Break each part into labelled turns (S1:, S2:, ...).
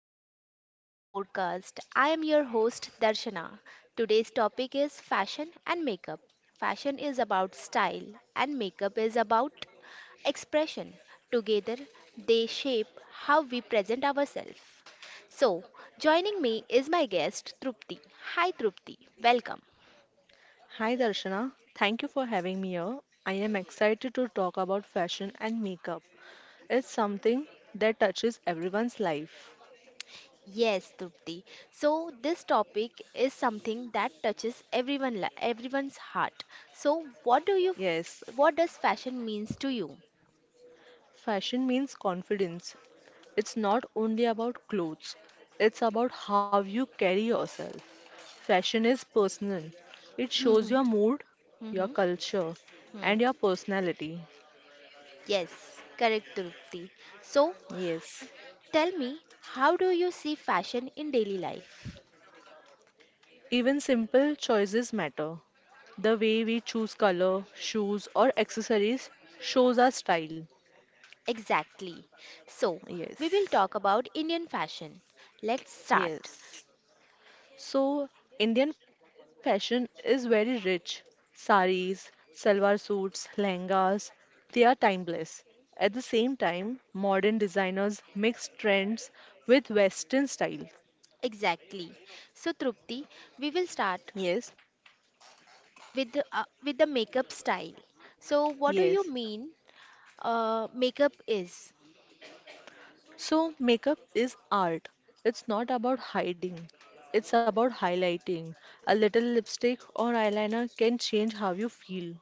S1: everyone, welcome to our podcast. I am your host Darshana. Today's topic is fashion and makeup. Fashion is about style and makeup is about expression. Together, they shape how we present ourselves. So, joining me is my guest Trupti. Hi Trupti, welcome.
S2: Hi Darshana, thank you for having me here. I am excited to talk about fashion and makeup. It's something that touches everyone's life.
S1: Yes, Trupti. So this topic is something that touches everyone's heart. So what do you
S2: Yes,
S1: what does fashion means to you?
S2: fashion means confidence. It's not only about clothes, it's about how you carry yourself. Fashion is personal, it shows your
S1: Mhm.
S2: mood, your
S1: Mhm.
S2: culture,
S1: Hmm.
S2: and your personality.
S1: Yes, correct, Trupti. So
S2: Yes,
S1: tell me, how do you see fashion in daily life?
S2: even simple choices matter. The way we choose color, shoes, or accessories shows our style.
S1: Exactly. So
S2: Yes,
S1: we will talk about Indian fashion. Let's start.
S2: yes. So, Indian fashion is very rich. Saris, salwar suits, lehengas, they are timeless. At the same time, modern designers mix trends with Western style.
S1: Exactly. So Trupti, we will start
S2: Yes,
S1: with the makeup style. So what do you
S2: yes.
S1: mean makeup is?
S2: So, makeup is art. It's not about hiding, it's about highlighting. A little lipstick or eyeliner can change how you feel.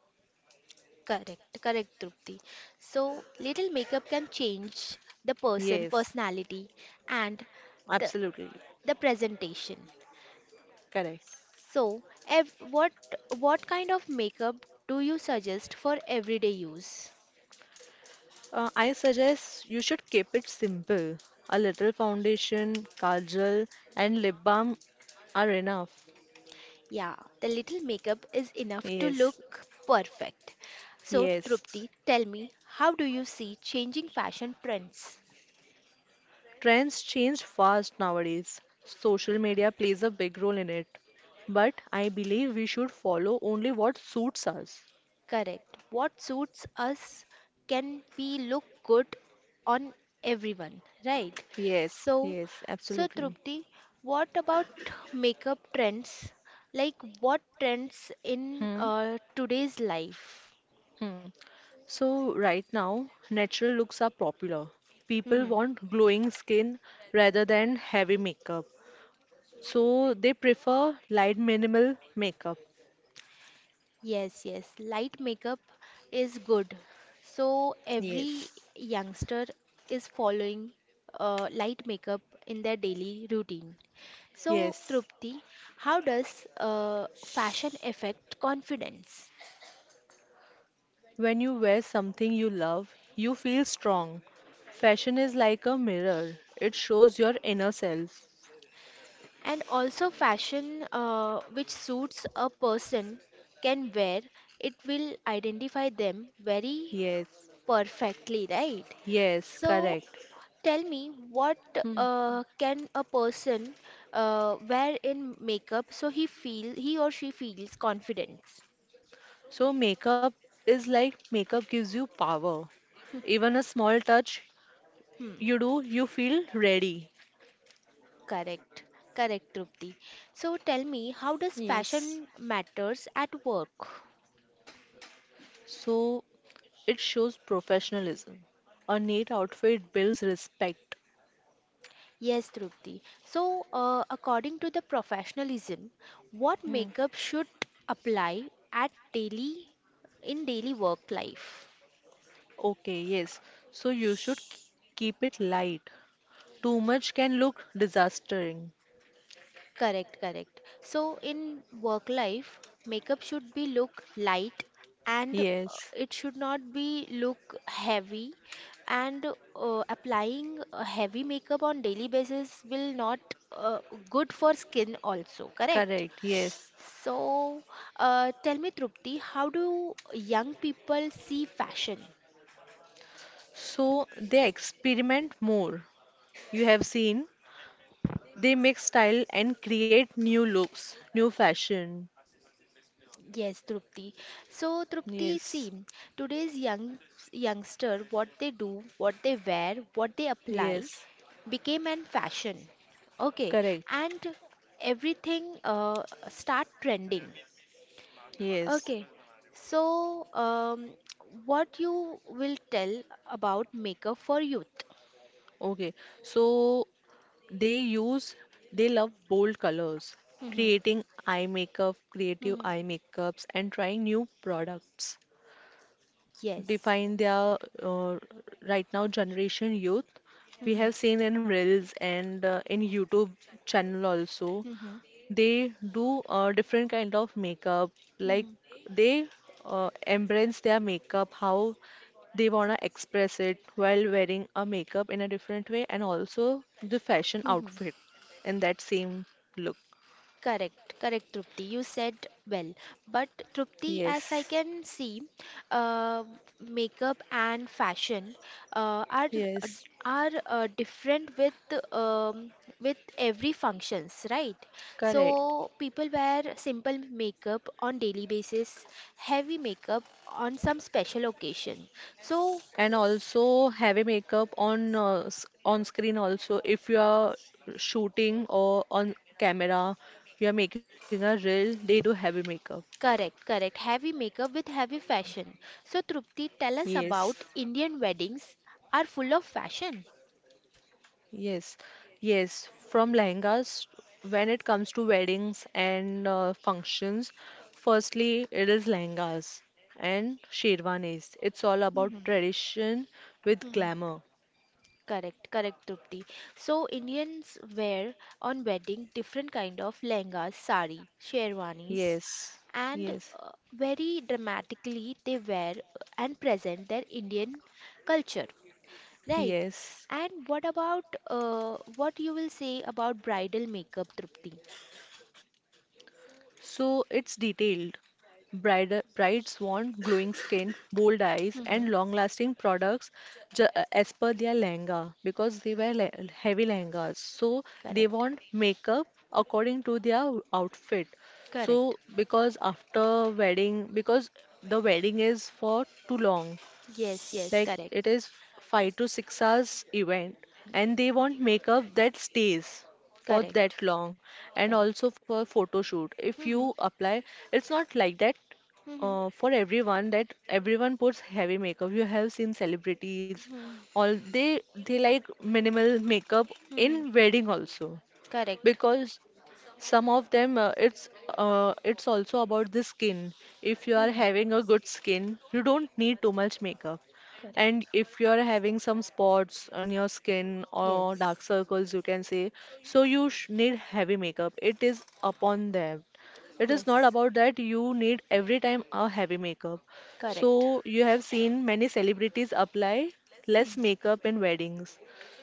S1: Correct, correct, Trupti. So little makeup can change the person
S2: Yes,
S1: personality and the
S2: absolutely.
S1: the presentation.
S2: Correct.
S1: So ev- what kind of makeup do you suggest for everyday use?
S2: I suggest you should keep it simple. A little foundation, kajal, and lip balm are enough.
S1: Yeah, the little makeup is enough to
S2: Yes,
S1: look perfect. So
S2: yes.
S1: Trupti, tell me, how do you see changing fashion trends?
S2: Trends change fast nowadays. Social media plays a big role in it. But I believe we should follow only what suits us.
S1: Correct. What suits us, can we look good on everyone, right?
S2: Yes,
S1: So,
S2: yes,
S1: so
S2: absolutely.
S1: Trupti, what about makeup trends? Like what trends in
S2: Hmm.
S1: today's life?
S2: Hmm. So right now, natural looks are popular. People
S1: Hmm.
S2: want glowing skin rather than heavy makeup. So they prefer light minimal makeup.
S1: Yes, yes. Light makeup is good. So every
S2: Yes.
S1: youngster is following light makeup in their daily routine. So,
S2: Yes.
S1: Trupti, how does fashion affect confidence?
S2: When you wear something you love, you feel strong. Fashion is like a mirror. It shows your inner self.
S1: And also, fashion which suits a person can wear, it will identify them very
S2: Yes.
S1: perfectly, right?
S2: Yes,
S1: So,
S2: correct.
S1: tell me, what
S2: Hmm.
S1: can a person wear in makeup so he or she feels confidence?
S2: So makeup is like makeup gives you power. Even a small touch
S1: Hmm.
S2: you do, you feel ready.
S1: Correct, correct, Trupti. So tell me, how does
S2: Yes.
S1: fashion matters at work?
S2: So it shows professionalism. A neat outfit builds respect.
S1: Yes, Trupti. So, according to the professionalism, what
S2: Hmm.
S1: makeup should apply at daily in daily work life?
S2: Okay, yes. So you should keep it light. Too much can look disastering.
S1: Correct, correct. So in work life, makeup should be look light and
S2: Yes.
S1: it should not be look heavy and applying heavy makeup on daily basis will not uh, good for skin also, correct?
S2: Correct, yes.
S1: So tell me Trupti, how do young people see fashion?
S2: So they experiment more. You have seen they mix style and create new looks, new fashion.
S1: Yes, Trupti. So, Trupti,
S2: Yes.
S1: see, today's youngster, what they do, what they wear, what they apply,
S2: Yes,
S1: became an fashion. Okay,
S2: correct.
S1: and everything start trending.
S2: Yes.
S1: Okay, so what you will tell about makeup for youth?
S2: Okay, so they use, they love bold colors,
S1: Mhm.
S2: creating eye makeup, creative
S1: Mhm.
S2: eye makeups, and trying new products
S1: Yes.
S2: define their uh, right now generation youth. We
S1: Mhm.
S2: have seen in Reels and in YouTube channel also,
S1: Mhm.
S2: they do different kind of makeup. Like they embrace their makeup, how they wanna express it while wearing a makeup in a different way, and also the fashion
S1: Mhm.
S2: outfit in that same look.
S1: Correct, correct, Trupti. You said well. But Trupti, as I
S2: Yes,
S1: can see, uh, makeup and fashion uh, are
S2: yes,
S1: are different um, with every functions, right? So
S2: correct.
S1: people wear simple makeup on daily basis, heavy makeup on some special occasion. So
S2: And also heavy makeup on on screen also, if you are shooting or on camera you are making a reel, they do heavy makeup.
S1: correct, correct. Heavy makeup with heavy fashion. So Trupti, tell us
S2: Yes,
S1: about Indian weddings are full of fashion.
S2: yes. Yes, from lehengas. When it comes to weddings and functions, firstly it is lehengas and sherwanis. It's all about
S1: Mhm.
S2: tradition with
S1: Hmm.
S2: glamour.
S1: Correct, correct, Trupti. So Indians wear on wedding different kind of lehengas, sari, sherwanis,
S2: Yes,
S1: and
S2: yes.
S1: very dramatically they wear and present their Indian culture, right?
S2: Yes,
S1: And what about what you will say about bridal makeup, Trupti?
S2: so it's detailed. Brides want glowing skin, bold eyes,
S1: Mm-hmm.
S2: and long-lasting products as per their lehenga, because they wear le heavy lehengas. So they
S1: Correct.
S2: want makeup according to their outfit.
S1: Correct.
S2: So because after wedding, because the wedding is for too long,
S1: Yes, yes,
S2: like
S1: correct,
S2: it is 5 to 6 hours event, and they want makeup that stays for
S1: correct,
S2: that long, and
S1: correct.
S2: also for photo shoot. If you
S1: Mm-hmm.
S2: apply, it's not like that
S1: Mm-hmm.
S2: for everyone that everyone puts heavy makeup. You have seen celebrities, all they like minimal makeup in
S1: Mm-hmm.
S2: wedding also,
S1: Correct.
S2: because some of them, it's also about the skin. If you are
S1: Mm,
S2: having a good skin, you don't need too much makeup.
S1: correct.
S2: And if you are having some spots on your skin or
S1: Yes.
S2: dark circles, you can say, so you sh need heavy makeup. It is upon them. It is not
S1: Yes.
S2: about that you need every time a heavy makeup.
S1: Correct.
S2: So you have seen many celebrities apply
S1: Mm,
S2: less makeup in weddings.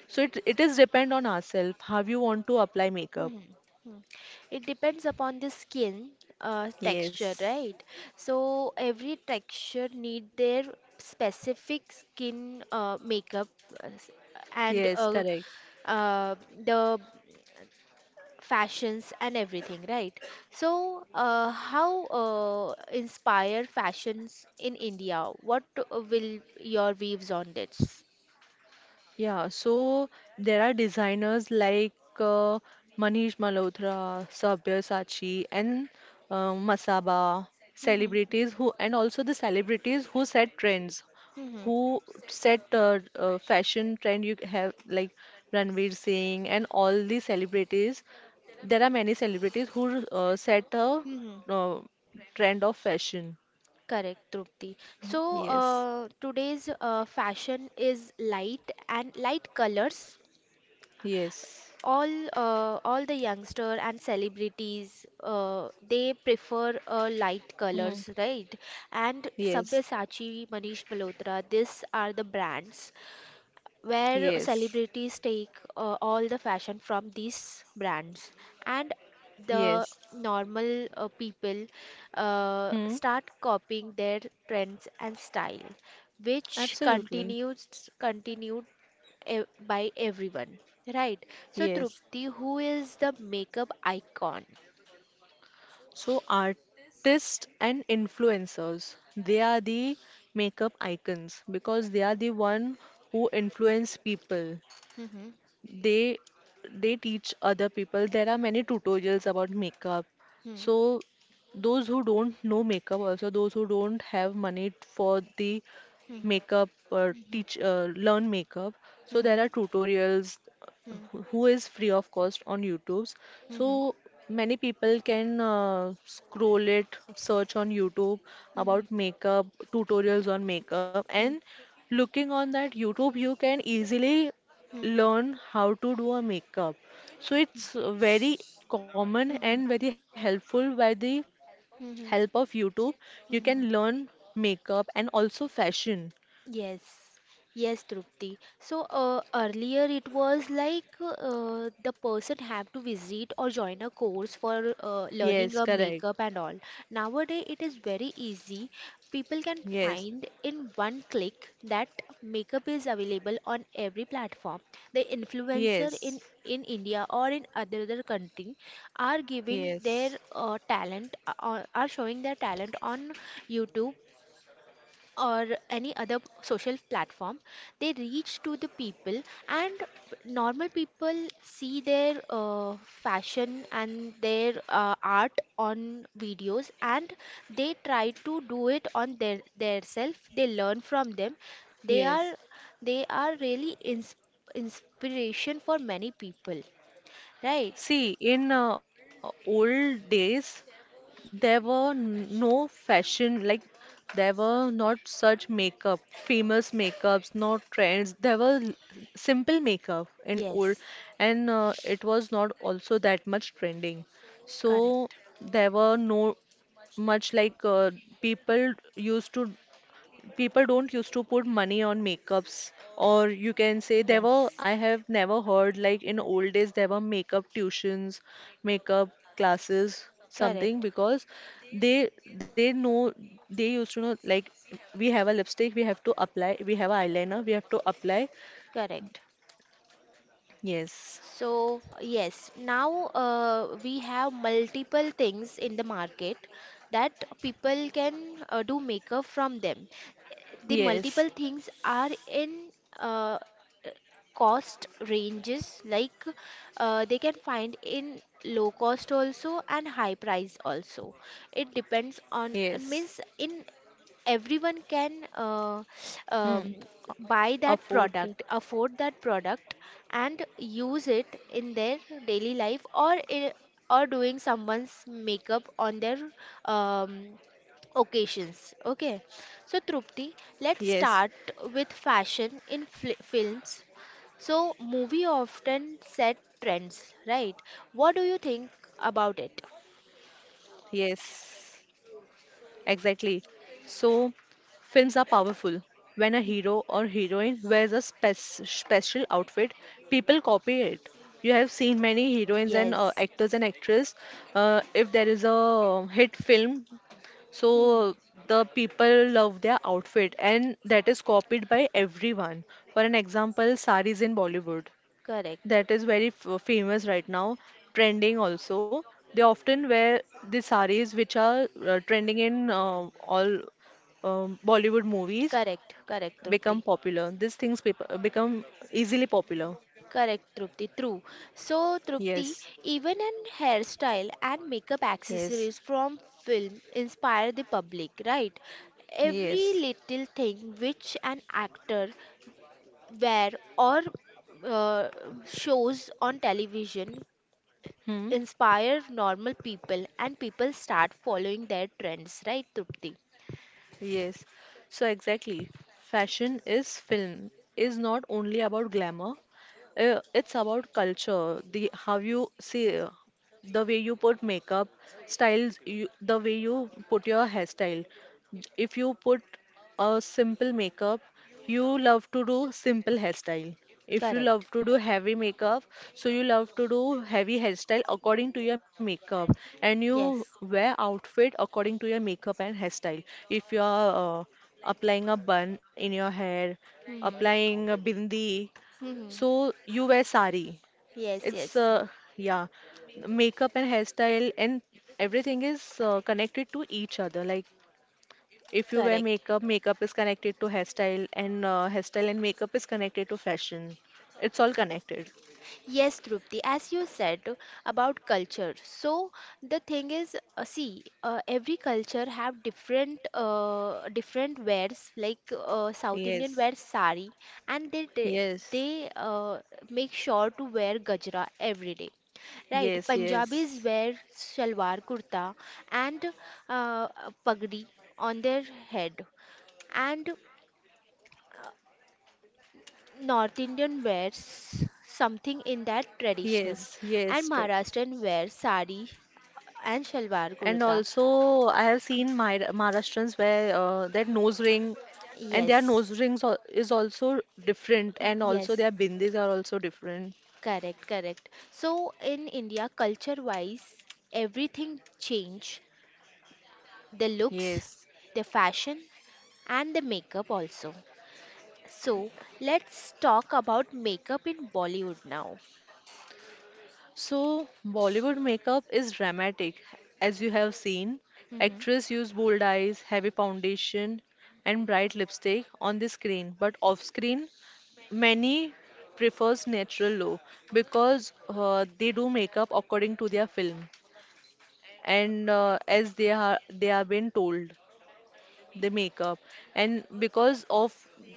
S2: So it is depend on ourselves how you want to apply makeup.
S1: mm, mm. It depends upon the skin texture,
S2: Yes,
S1: right? So every texture need their specific skin makeup uh, s- and
S2: yes, correct.
S1: uh, the fashions and everything, right? So how inspire fashions in India? What will your views on this?
S2: Yeah, so there are designers like uh, Manish Malhotra, Sabyasachi, and Masaba,
S1: Hmm.
S2: celebrities who, and also the celebrities who set trends, who set fashion trend. You have like Ranveer Singh and all these celebrities. There are many celebrities who set a
S1: Hmm.
S2: uh, trend of fashion.
S1: Correct, Trupti. So
S2: Yes,
S1: today's fashion is light and light colors.
S2: yes.
S1: All all the youngster and celebrities uh, they prefer light colors, right? And
S2: Yes,
S1: Sabyasachi, Manish Malhotra, these are the brands where
S2: yes,
S1: celebrities take all the fashion from these brands, and
S2: yes.
S1: the normal people
S2: Hmm,
S1: start copying their trends and style which
S2: absolutely.
S1: continues continued by everyone, right? So
S2: Yes.
S1: Trupti, who is the makeup icon?
S2: So artists and influencers, they are the makeup icons because they are the one who influence people.
S1: Mm-hmm.
S2: they they teach other people. There are many tutorials about makeup,
S1: Mm-hmm.
S2: so those who don't know makeup also, those who don't have money for the makeup or
S1: Mm-hmm.
S2: teach learn makeup, so there
S1: Hmm.
S2: are tutorials who is free of cost on YouTube's.
S1: Hmm.
S2: So
S1: Hmm.
S2: many people can scroll it, search on YouTube about
S1: Hmm.
S2: makeup, tutorials on makeup, and looking on that YouTube you can easily learn how to do a makeup. So it's very common and
S1: Hmm.
S2: very helpful by the help
S1: Hmm.
S2: of YouTube. You can
S1: Hmm.
S2: learn makeup and also fashion.
S1: Yes, yes, Trupti. So earlier it was like the person have to visit or join a course for learning a
S2: Yes,
S1: makeup
S2: correct.
S1: and all. Nowadays it is very easy. People can
S2: Yes,
S1: find in one click that makeup is available on every platform. The influencer in
S2: yes,
S1: in India or in other country are giving their
S2: yes,
S1: talent, are showing their talent on YouTube or any other social platform. They reach to the people, and normal people see their fashion and their art on videos, and they try to do it on their self. They learn from them. they are
S2: yes.
S1: they are really inspiration for many people, right?
S2: See, in old days, there were no fashion, like there were not such makeup, famous makeups, no trends. There were simple makeup and old,
S1: Yes,
S2: and it was not also that much trending. So
S1: correct.
S2: there were no much like people used to people don't used to put money on makeups, or you can say, there were,
S1: Yes,
S2: I have never heard like in old days there were makeup tuitions, makeup classes something,
S1: correct,
S2: because they they know they used to know, like we have a lipstick we have to apply, we have a eyeliner we have to apply.
S1: correct.
S2: Yes.
S1: So, yes, now we have multiple things in the market that people can do makeup from them. The
S2: Yes,
S1: multiple things are in uh, cost ranges, like they can find in low cost also and high price also. It depends on,
S2: yes.
S1: means in everyone can
S2: Hmm.
S1: um, buy that
S2: Afford.
S1: product, afford that product, and use it in their daily life, i- or doing someone's makeup on their um, occasions.
S2: Yes,
S1: Okay, so Trupti, let's start with fashion in fli films. So movie often set trends, right? What do you think about it?
S2: yes. Exactly. So, films are powerful. When a hero or heroine wears a spec special outfit, people copy it. You have seen many heroines and
S1: Yes.
S2: actors and actresses. If there is a hit film,
S1: Hmm.
S2: so the people love their outfit, and that is copied by everyone. For an example, saris in Bollywood,
S1: Correct,
S2: that is very famous right now, trending also. They often wear the saris which are trending in all Bollywood movies,
S1: correct, correct, Trupti.
S2: become popular. These things become easily popular.
S1: Correct, Trupti. True. So, Trupti,
S2: Yes,
S1: even in hairstyle and makeup
S2: yes,
S1: accessories from film inspire the public, right? Every
S2: yes.
S1: little thing which an actor wear or uh, shows on television
S2: Hmm.
S1: inspire normal people, and people start following their trends, right, Trupti?
S2: Yes, so exactly. Fashion is film, is not only about glamour. It's about culture, the how you see, the way you put makeup, styles, you, the way you put your hairstyle. If you put a simple makeup, you love to do simple hairstyle. If you
S1: Correct.
S2: love to do heavy makeup, so you love to do heavy hairstyle according to your makeup, and you
S1: Yes.
S2: wear outfit according to your makeup and hairstyle. If you are applying a bun in your hair,
S1: Hmm.
S2: applying a bindi,
S1: Hmm.
S2: so you wear sari.
S1: Yes.
S2: It's
S1: Yes.
S2: yeah, makeup and hairstyle and everything is connected to each other. Like if you wear
S1: Correct.
S2: makeup, makeup is connected to hairstyle, and hairstyle and makeup is connected to fashion. It's all connected.
S1: Yes, Trupti, as you said about culture. So the thing is, see, every culture have different wears. Like South Indian wear
S2: Yes,
S1: sari, and they they
S2: yes.
S1: they, uh, make sure to wear gajra every day. Right,
S2: Yes,
S1: Punjabis wear
S2: yes,
S1: shalwar kurta and a pagdi on their head, and North Indian wears something in that tradition,
S2: yes,
S1: and
S2: yes.
S1: Maharashtrian wears sari and shalwar
S2: And
S1: kurta.
S2: also, I have seen my Maharashtrians wear that nose ring, and their nose
S1: Yes,
S2: rings is also different, and also
S1: yes,
S2: their bindis are also different.
S1: correct, correct. So in India, culture-wise, everything change. The looks,
S2: Yes,
S1: the fashion, and the makeup also. So let's talk about makeup in Bollywood now.
S2: so, Bollywood makeup is dramatic. As you have seen,
S1: Hmm.
S2: actress use bold eyes, heavy foundation, and bright lipstick on the screen. But off screen, many prefers natural look, because they do makeup according to their film, and as they are been told they make up, and because of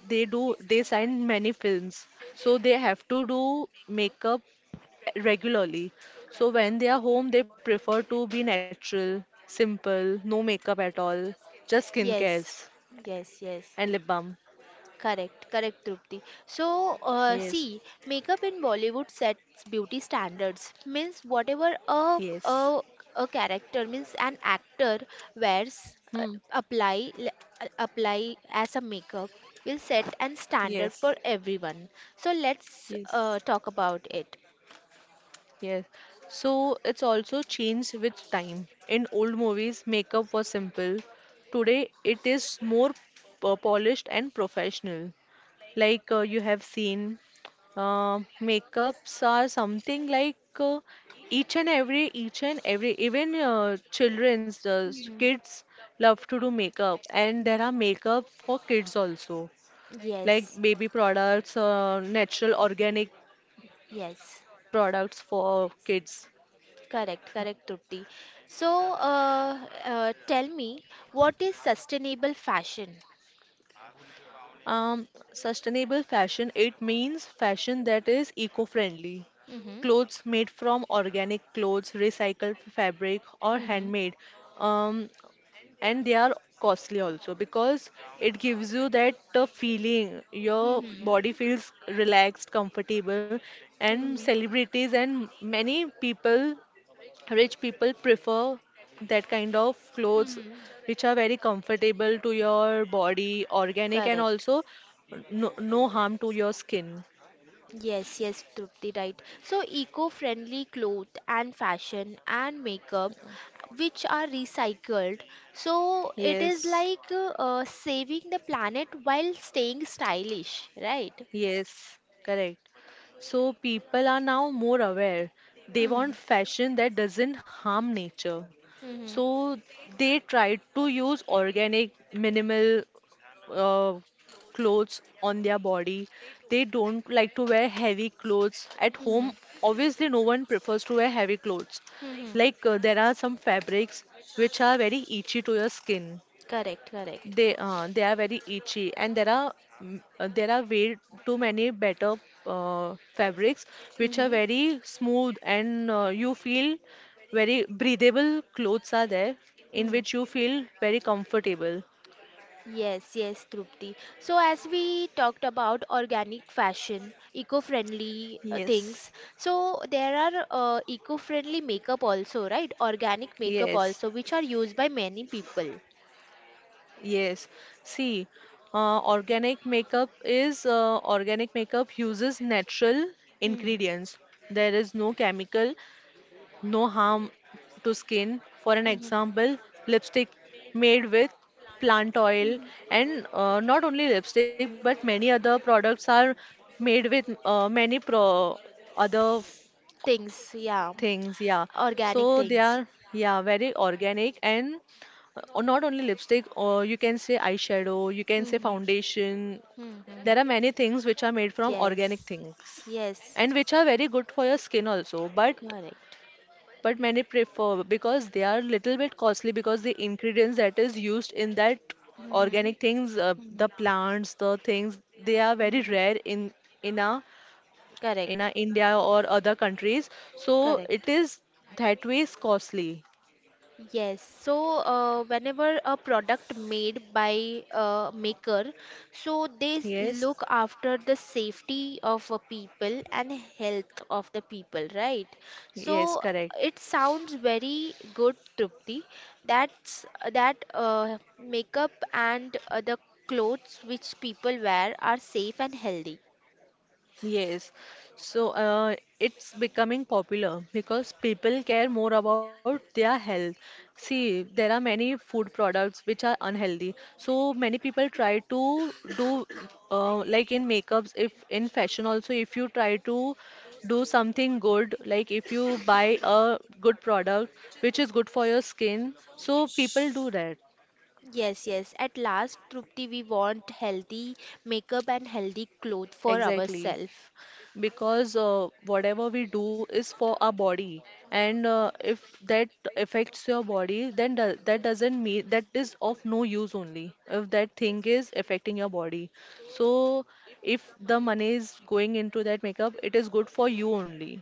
S2: they do, they sign many films, so they have to do makeup regularly. So when they are home, they prefer to be natural, simple, no makeup at all, just skin cares
S1: Yes, yes, yes.
S2: and lip balm.
S1: Correct, correct, Trupti. So,
S2: Yes,
S1: see, makeup in Bollywood sets beauty standards. Means whatever
S2: yes.
S1: a character, means an actor wears,
S2: Hmm.
S1: apply l- apply as a makeup will set an standard
S2: Yes,
S1: for everyone. So let's
S2: yes,
S1: talk about it.
S2: yes. So it's also changed with time. In old movies, makeup was simple. Today, it is more polished and professional. Like you have seen, makeups are something like, each and every even
S1: Yeah.
S2: kids love to do makeup, and
S1: Mm.
S2: there are makeup for kids also, like
S1: Yes,
S2: baby products, natural organic
S1: yes,
S2: products for kids.
S1: correct, correct, Trupti. So, uh, tell me, what is sustainable fashion?
S2: um, Sustainable fashion, it means fashion that is eco-friendly
S1: Mm-hmm.
S2: clothes made from organic clothes, recycled fabric, or
S1: Mhm.
S2: handmade. Um, and they are costly also, because it gives you that feeling your
S1: Mhm.
S2: body feels relaxed, comfortable, and
S1: Mhm.
S2: celebrities and many people, rich people, prefer that kind of clothes
S1: Mhm.
S2: which are very comfortable to your body, organic, and
S1: Correct.
S2: also no, no harm to your skin.
S1: Yes, yes, Trupti, right. So, eco-friendly clothes and fashion and makeup, which are recycled. So, it is
S2: Yes,
S1: like saving the planet while staying stylish, right?
S2: yes, correct. So people are now more aware. They want
S1: Mhm.
S2: fashion that doesn't harm nature. So
S1: Mhm.
S2: they try to use organic, minimal uh, clothes on their body. They don't like to wear heavy clothes at home.
S1: Mhm.
S2: Obviously, no one prefers to wear heavy clothes.
S1: Mhm.
S2: Like there are some fabrics which are very itchy to your skin.
S1: Correct, correct.
S2: They are very itchy, and there are way too many better fabrics which are
S1: Mhm.
S2: very smooth and you feel very breathable clothes are there in
S1: Mhm.
S2: which you feel very comfortable.
S1: Yes, yes, Trupti. So, as we talked about organic fashion, eco-friendly things,
S2: Yes,
S1: so there are eco-friendly makeup also, right? Organic makeup
S2: yes,
S1: also, which are used by many people.
S2: yes. See, organic makeup uses natural
S1: Hmm.
S2: ingredients. There is no chemical, no harm to skin. For an
S1: Hmm.
S2: example, lipstick made with plant oil,
S1: Hmm.
S2: and not only lipstick, but many other products are made with many pro other
S1: Things, yeah,
S2: things. Yeah,
S1: organic
S2: so they
S1: things.
S2: are, yeah, very organic, and not only lipstick. Or you can say eyeshadow, you can say
S1: Hmm.
S2: foundation.
S1: Hmm.
S2: There are
S1: Hmm.
S2: many things which are made from organic
S1: Yes,
S2: things
S1: yes,
S2: and which are very good for your skin also. But
S1: correct.
S2: many prefer because they are little bit costly because the ingredients that is used in that
S1: Hmm.
S2: organic things,
S1: Hmm.
S2: the plants, the things, they are very
S1: Hmm.
S2: rare in a in a
S1: Correct,
S2: India or other countries, so it
S1: correct.
S2: is that way is costly.
S1: Yes, so whenever a product made by a maker, so
S2: Yes,
S1: look after the safety of a people and health of the people, right?
S2: yes,
S1: So
S2: correct.
S1: it sounds very good, Trupti. That's that makeup and the clothes which people wear are safe and healthy.
S2: Yes, so it's becoming popular because people care more about their health. See, there are many food products which are unhealthy. So many people try to do, like in makeups, if in fashion also, if you try to do something good, like if you buy a good product which is good for your skin, so people do that.
S1: Yes, yes. At last, Trupti, we want healthy makeup and healthy clothes for
S2: Exactly.
S1: ourselves.
S2: Because whatever we do is for our body, and if that affects your body then do that doesn't mean that is of no use only if that thing is affecting your body, so if the money is going into that makeup it is good for you only.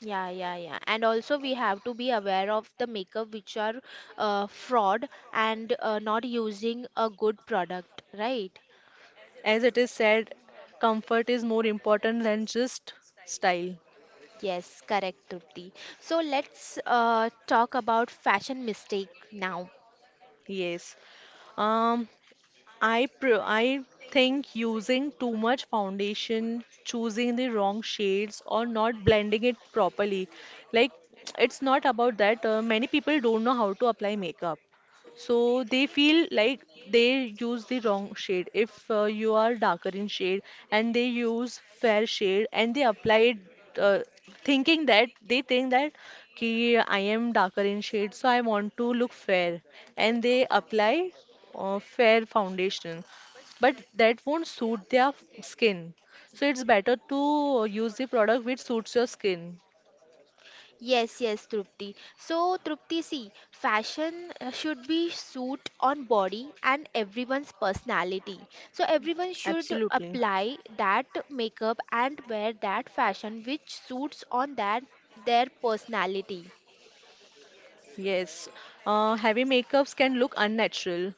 S1: Yeah, yeah, yeah. And also we have to be aware of the makeup which are fraud and not using a good product, right?
S2: As it is said, comfort is more important than just style.
S1: Yes, correct, Trupti. So let's talk about fashion mistake now.
S2: Yes. um I think using too much foundation, choosing the wrong shades, or not blending it properly, like it's not about that. Many people don't know how to apply makeup. So they feel like they use the wrong shade. If you are darker in shade and they use fair shade and they apply it, thinking that, they think that ki I am darker in shade so I want to look fair, and they apply fair foundation, but that won't suit their skin. So it's better to use the product which suits your skin.
S1: Yes, yes, Trupti. So, Trupti, see, fashion should be suit on body and everyone's personality. So, everyone should
S2: Absolutely.
S1: apply that makeup and wear that fashion which suits on that their personality.
S2: Yes, heavy makeups can look unnatural.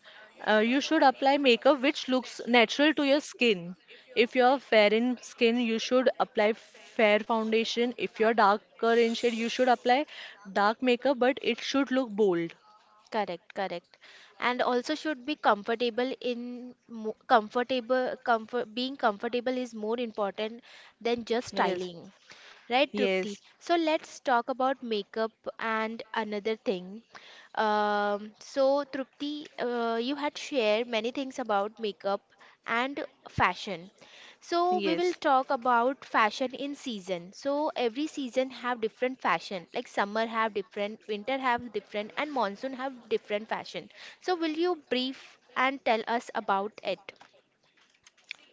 S2: You should apply makeup which looks natural to your skin. If you're fair in skin, you should apply fair foundation. If you're darker in shade, you should apply dark makeup, but it should look bold.
S1: Correct, correct. And also should be comfortable. In mo- comfortable comfort being comfortable is more important than just
S2: Yes,
S1: styling. Right, Trupti?
S2: yes,
S1: So let's talk about makeup and another thing. So Trupti, you had shared many things about makeup and fashion. So we will
S2: yes.
S1: talk about fashion in season. So every season have different fashion. Like summer have different, winter have different, and monsoon have different fashion. So will you brief and tell us about it?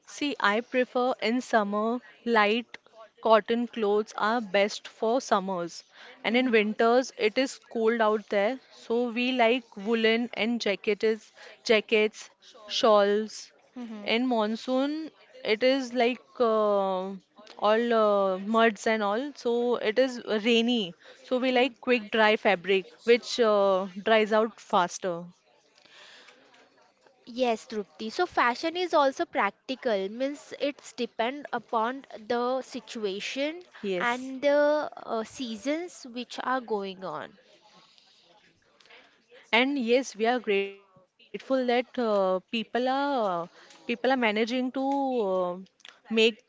S2: See, I prefer in summer, light cotton clothes are best for summers. And in winters, it is cold out there, so we like woolen and jackets, jackets, shawls.
S1: Mhm.
S2: In monsoon, it is like all, muds and all, so it is rainy. So we
S1: Mhm.
S2: like quick dry fabric, which dries out faster.
S1: Yes, Trupti. So fashion is also practical, means it's depend upon the situation
S2: Yes.
S1: and the seasons which are going on.
S2: And yes, we are grateful that people are managing to uh, make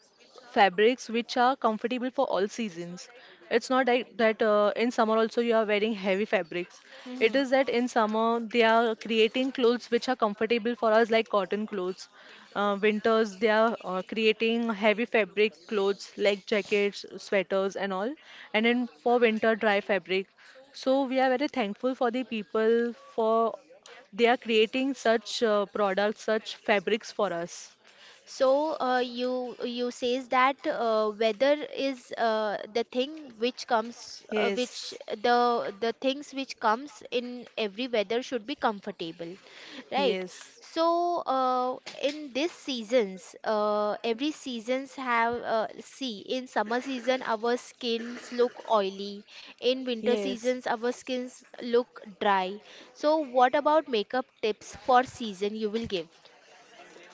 S2: fabrics which are comfortable for all seasons. It's not that that in summer also you are wearing heavy fabrics.
S1: Hmm.
S2: It is that in summer they are creating clothes which are comfortable for us like cotton clothes. Winters they are creating heavy fabric clothes like jackets, sweaters and all. And then for winter dry fabric. So we are very thankful for the people for they are creating such products, such fabrics for us.
S1: So you says that weather is the thing which comes which
S2: Yes,
S1: the things which comes in every weather should be comfortable, right?
S2: yes,
S1: So in this seasons, every seasons have see in summer season our skins look oily, in winter seasons
S2: yes.
S1: our skins look dry. So what about makeup tips for season you will give?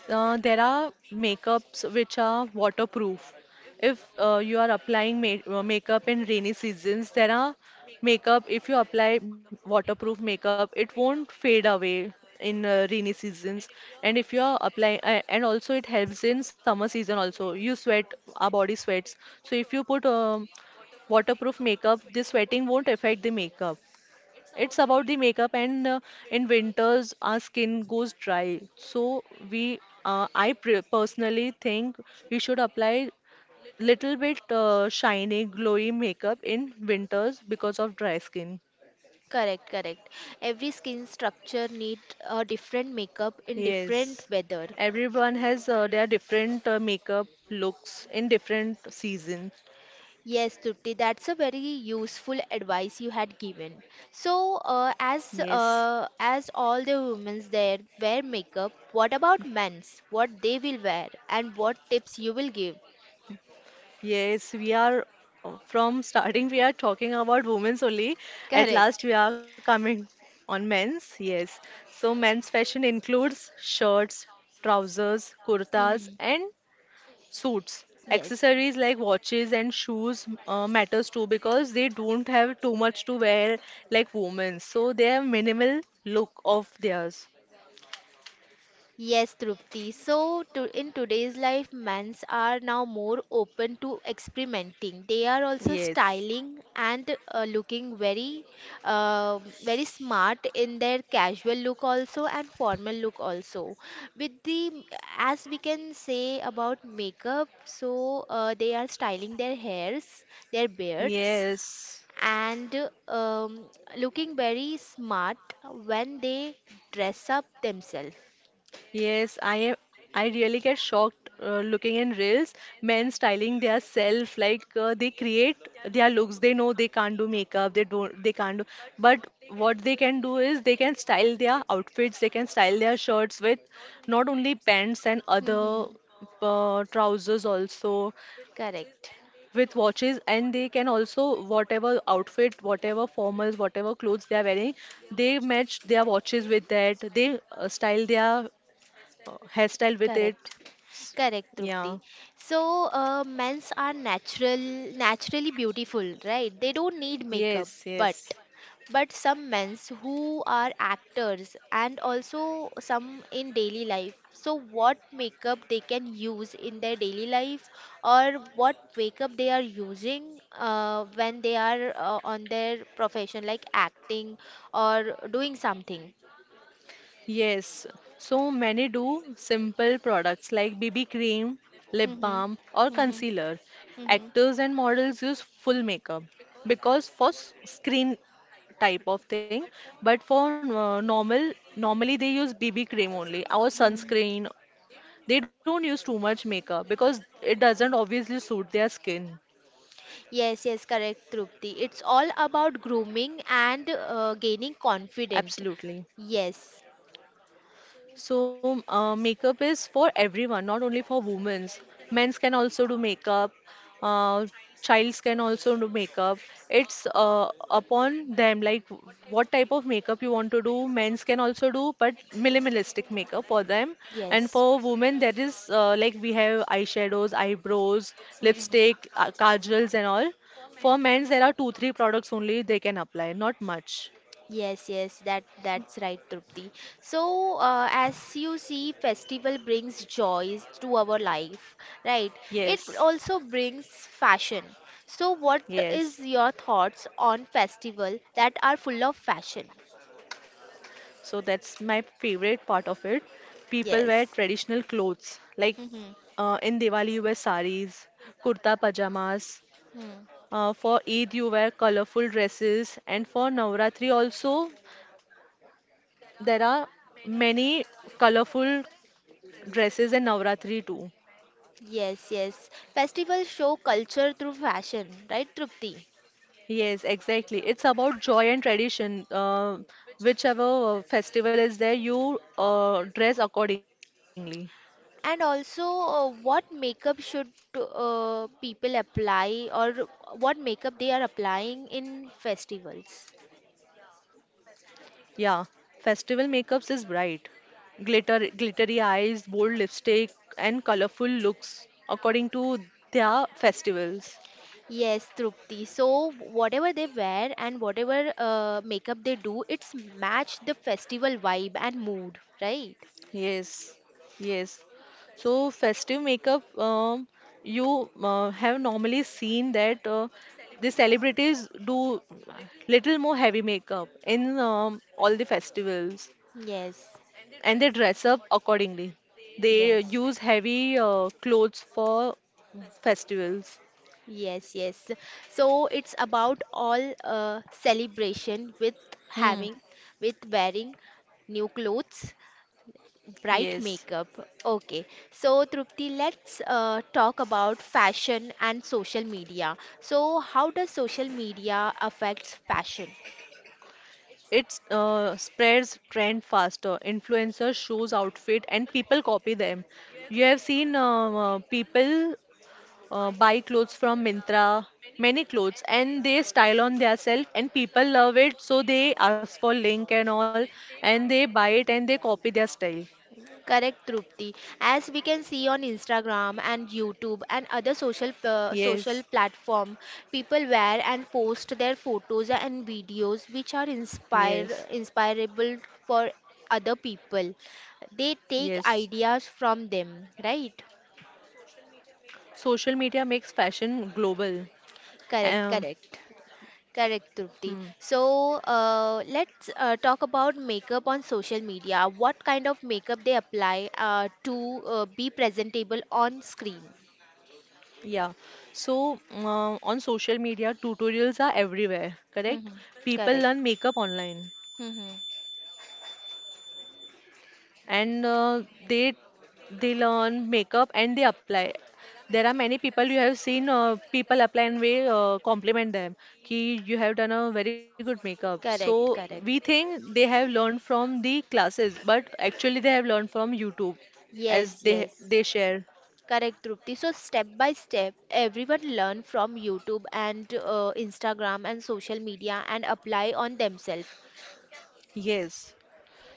S2: There are makeups which are waterproof. If you are applying makeup in rainy seasons, there are makeup, if you apply waterproof makeup, it won't fade away in rainy seasons. And if you are applying, and also it helps in summer season also. You sweat, our body sweats. So if you put waterproof makeup, the sweating won't affect the makeup. It's about the makeup, and in winters our skin goes dry. So we I pre personally think we should apply little bit shiny glowy makeup in winters because of dry skin.
S1: Correct, correct. Every skin structure need a different makeup in different
S2: Yes.
S1: weather.
S2: Everyone has their different makeup looks in different season.
S1: Yes, Trupti, that's a very useful advice you had given. So, as
S2: Yes.
S1: all the women's there wear makeup, what about men's? What they will wear and what tips you will give?
S2: Yes, we are, from starting we are talking about women's only. At last
S1: Correct.
S2: we are coming on men's. Yes. So men's fashion includes shirts, trousers, kurtas
S1: Mhm.
S2: and suits.
S1: Yes.
S2: Accessories like watches and shoes matters too because they don't have too much to wear like women. So they have minimal look of theirs.
S1: Yes, Trupti. So, in today's life, men's are now more open to experimenting. They are also
S2: Yes.
S1: styling and looking very, very smart in their casual look also and formal look also. With the, as we can say about makeup, so they are styling their hairs, their beards,
S2: Yes.
S1: and um, looking very smart when they dress up themselves.
S2: Yes, I really get shocked looking in reels. Men styling their self, like they create their looks. They know they can't do makeup. They don't. They can't do. But what they can do is they can style their outfits. They can style their shirts with not only pants and other
S1: Mm-hmm.
S2: trousers also, with watches, and they can also, whatever outfit, whatever formals, whatever clothes they are wearing, they match their watches with that, they style their hairstyle with it.
S1: Correct.
S2: S-
S1: Correct,
S2: Yeah,
S1: Trupti. So, men's are natural, naturally beautiful, right? They don't need makeup,
S2: yes,
S1: but
S2: yes,
S1: some men's who are actors and also some in daily life. So, what makeup they can use in their daily life, or what makeup they are using when they are on their profession, like acting or doing something.
S2: yes. So many do simple products like BB cream, lip
S1: Hmm.
S2: balm, or
S1: Hmm.
S2: concealer.
S1: Hmm.
S2: Actors and models use full makeup because for screen type of thing, but for normal, normally they use BB cream only or
S1: Hmm.
S2: sunscreen. They don't use too much makeup because it doesn't obviously suit their skin.
S1: Yes, yes, correct, Trupti. It's all about grooming and gaining confidence.
S2: Absolutely.
S1: Yes,
S2: So, makeup is for everyone, not only for women's. Men's can also do makeup. Uh, Childs can also do makeup. It's upon them, like what type of makeup you want to do. Men's can also do, but minimalistic makeup for them. And
S1: yes.
S2: for women, there is, like, we have eyeshadows, eyebrows,
S1: Mhm.
S2: lipstick, kajals, and all. For men's, there are two, three products only they can apply, not much.
S1: Yes, yes, that's right, Trupti. So, as you see, festival brings joys to our life, right? It
S2: Yes,
S1: also brings fashion. So, what is
S2: yes.
S1: your thoughts on festival that are full of fashion?
S2: So that's my favorite part of it. People wear
S1: Yes.
S2: traditional clothes like,
S1: Mm-hmm.
S2: in Diwali you wear saris, kurta pajamas.
S1: Hmm.
S2: For Eid you wear colorful dresses, and for Navratri also there are many colorful dresses in Navratri too.
S1: Yes, yes. Festivals show culture through fashion, right, Trupti?
S2: Yes, exactly. It's about joy and tradition. Whichever festival is there, you dress accordingly.
S1: And also, what makeup should people apply or what makeup they are applying in festivals?
S2: Yeah, festival makeups is bright. Glitter, glittery eyes, bold lipstick, and colorful looks according to their festivals.
S1: Yes, Trupti. So, whatever they wear and whatever makeup they do, it's match the festival vibe and mood, right?
S2: Yes, yes. So festive makeup, you have normally seen that the celebrities do little more heavy makeup in all the festivals,
S1: Yes,
S2: and they dress up accordingly. They
S1: yes.
S2: use heavy clothes for festivals.
S1: Yes, yes. So it's about all celebration with
S2: Hmm.
S1: having, with wearing new clothes, bright
S2: Yes,
S1: makeup. Okay. So Trupti, let's talk about fashion and social media. So how does social media affects fashion?
S2: it spreads trend faster. Influencers shows outfit and people copy them. You have seen, people buy clothes from Myntra, many clothes, and they style on themselves, and people love it, so they ask for link and all, and they buy it and they copy their style.
S1: Correct, Trupti. As we can see on Instagram and YouTube and other social uh,
S2: Yes,
S1: social platform, people wear and post their photos and videos which are inspire
S2: yes,
S1: inspirable for other people. They take
S2: yes.
S1: ideas from them, right?
S2: Social media makes fashion global. Um,
S1: Correct, correct.
S2: hmm.
S1: Correct, Trupti. So let's talk about makeup on social media. What kind of makeup they apply to be presentable on screen?
S2: Yeah. So, on social media, tutorials are everywhere,
S1: Mm-hmm.
S2: correct? People
S1: Correct.
S2: learn makeup online
S1: Mm-hmm.
S2: and they they learn makeup and they apply. There are many people, you have seen, people apply and we compliment them ki you have done a very good makeup. So
S1: Correct, correct.
S2: we think they have learned from the classes, but actually they have learned from YouTube, as
S1: Yes,
S2: they
S1: yes.
S2: they share.
S1: Correct, Trupti. So step by step, everyone learn from YouTube and Instagram and social media and apply on themselves.
S2: Yes.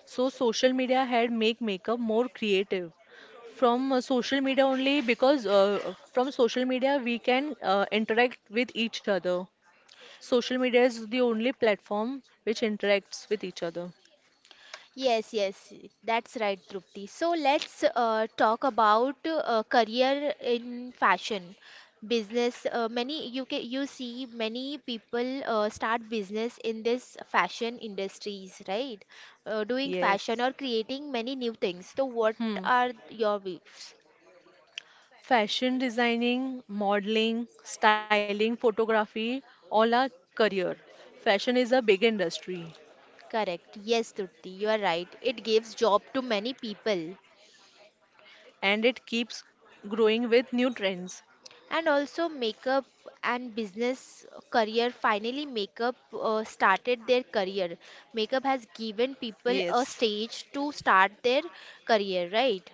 S2: So social media had makeup more creative. From social media only, because from social media we can interact with each other. Social media is the only platform which interacts with each other.
S1: Yes, yes, that's right, Trupti. So let's talk about career in fashion, business. Many you see many people start business in this fashion industries, right? Doing
S2: Yes.
S1: fashion or creating many new things. So what
S2: Hmm.
S1: are your views?
S2: Fashion designing, modeling, styling, photography, all are career. Fashion is a big industry
S1: Correct. Yes, Trupti, you are right. It gives job to many people.
S2: and it keeps growing with new trends.
S1: And also makeup and business career, finally makeup started their career, makeup has given people a
S2: Yes.
S1: stage to start their career, right?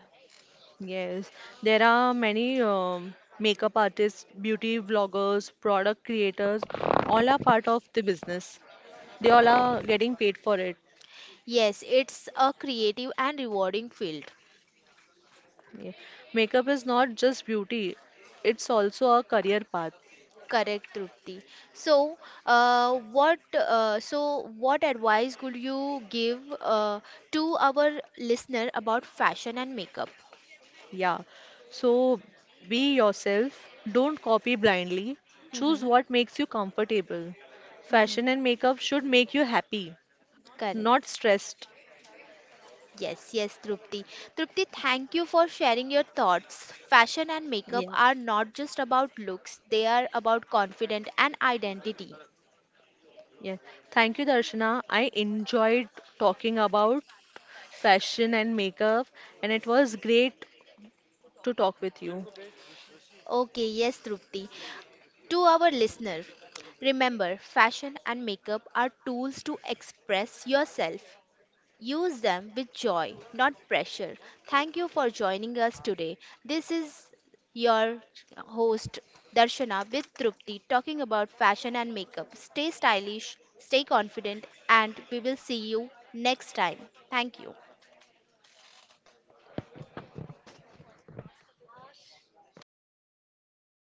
S2: Yes, there are many, makeup artists, beauty vloggers, product creators, all are part of the business. They all are getting paid for it.
S1: Yes, it's a creative and rewarding field.
S2: Yeah. Makeup is not just beauty, it's also a career path.
S1: Correct, Trupti. So, uh, what so what advice could you give to our listener about fashion and makeup?
S2: Yeah. So be yourself, don't copy blindly, choose
S1: Mm-hmm.
S2: what makes you comfortable.
S1: Mhm.
S2: Fashion and makeup should make you happy, not
S1: Correct.
S2: stressed.
S1: Yes, yes, Trupti. Trupti, thank you for sharing your thoughts. Fashion and makeup
S2: Yeah.
S1: are not just about looks, they are about confidence and identity.
S2: Yeah. Thank you, Darshana. I enjoyed talking about fashion and makeup, and it was great to talk with you.
S1: Okay, yes, Trupti. To our listener, remember fashion and makeup are tools to express yourself. Use them with joy, not pressure. Thank you for joining us today. This is your host Darshana with Trupti talking about fashion and makeup. Stay stylish, stay confident, and we will see you next time. Thank you.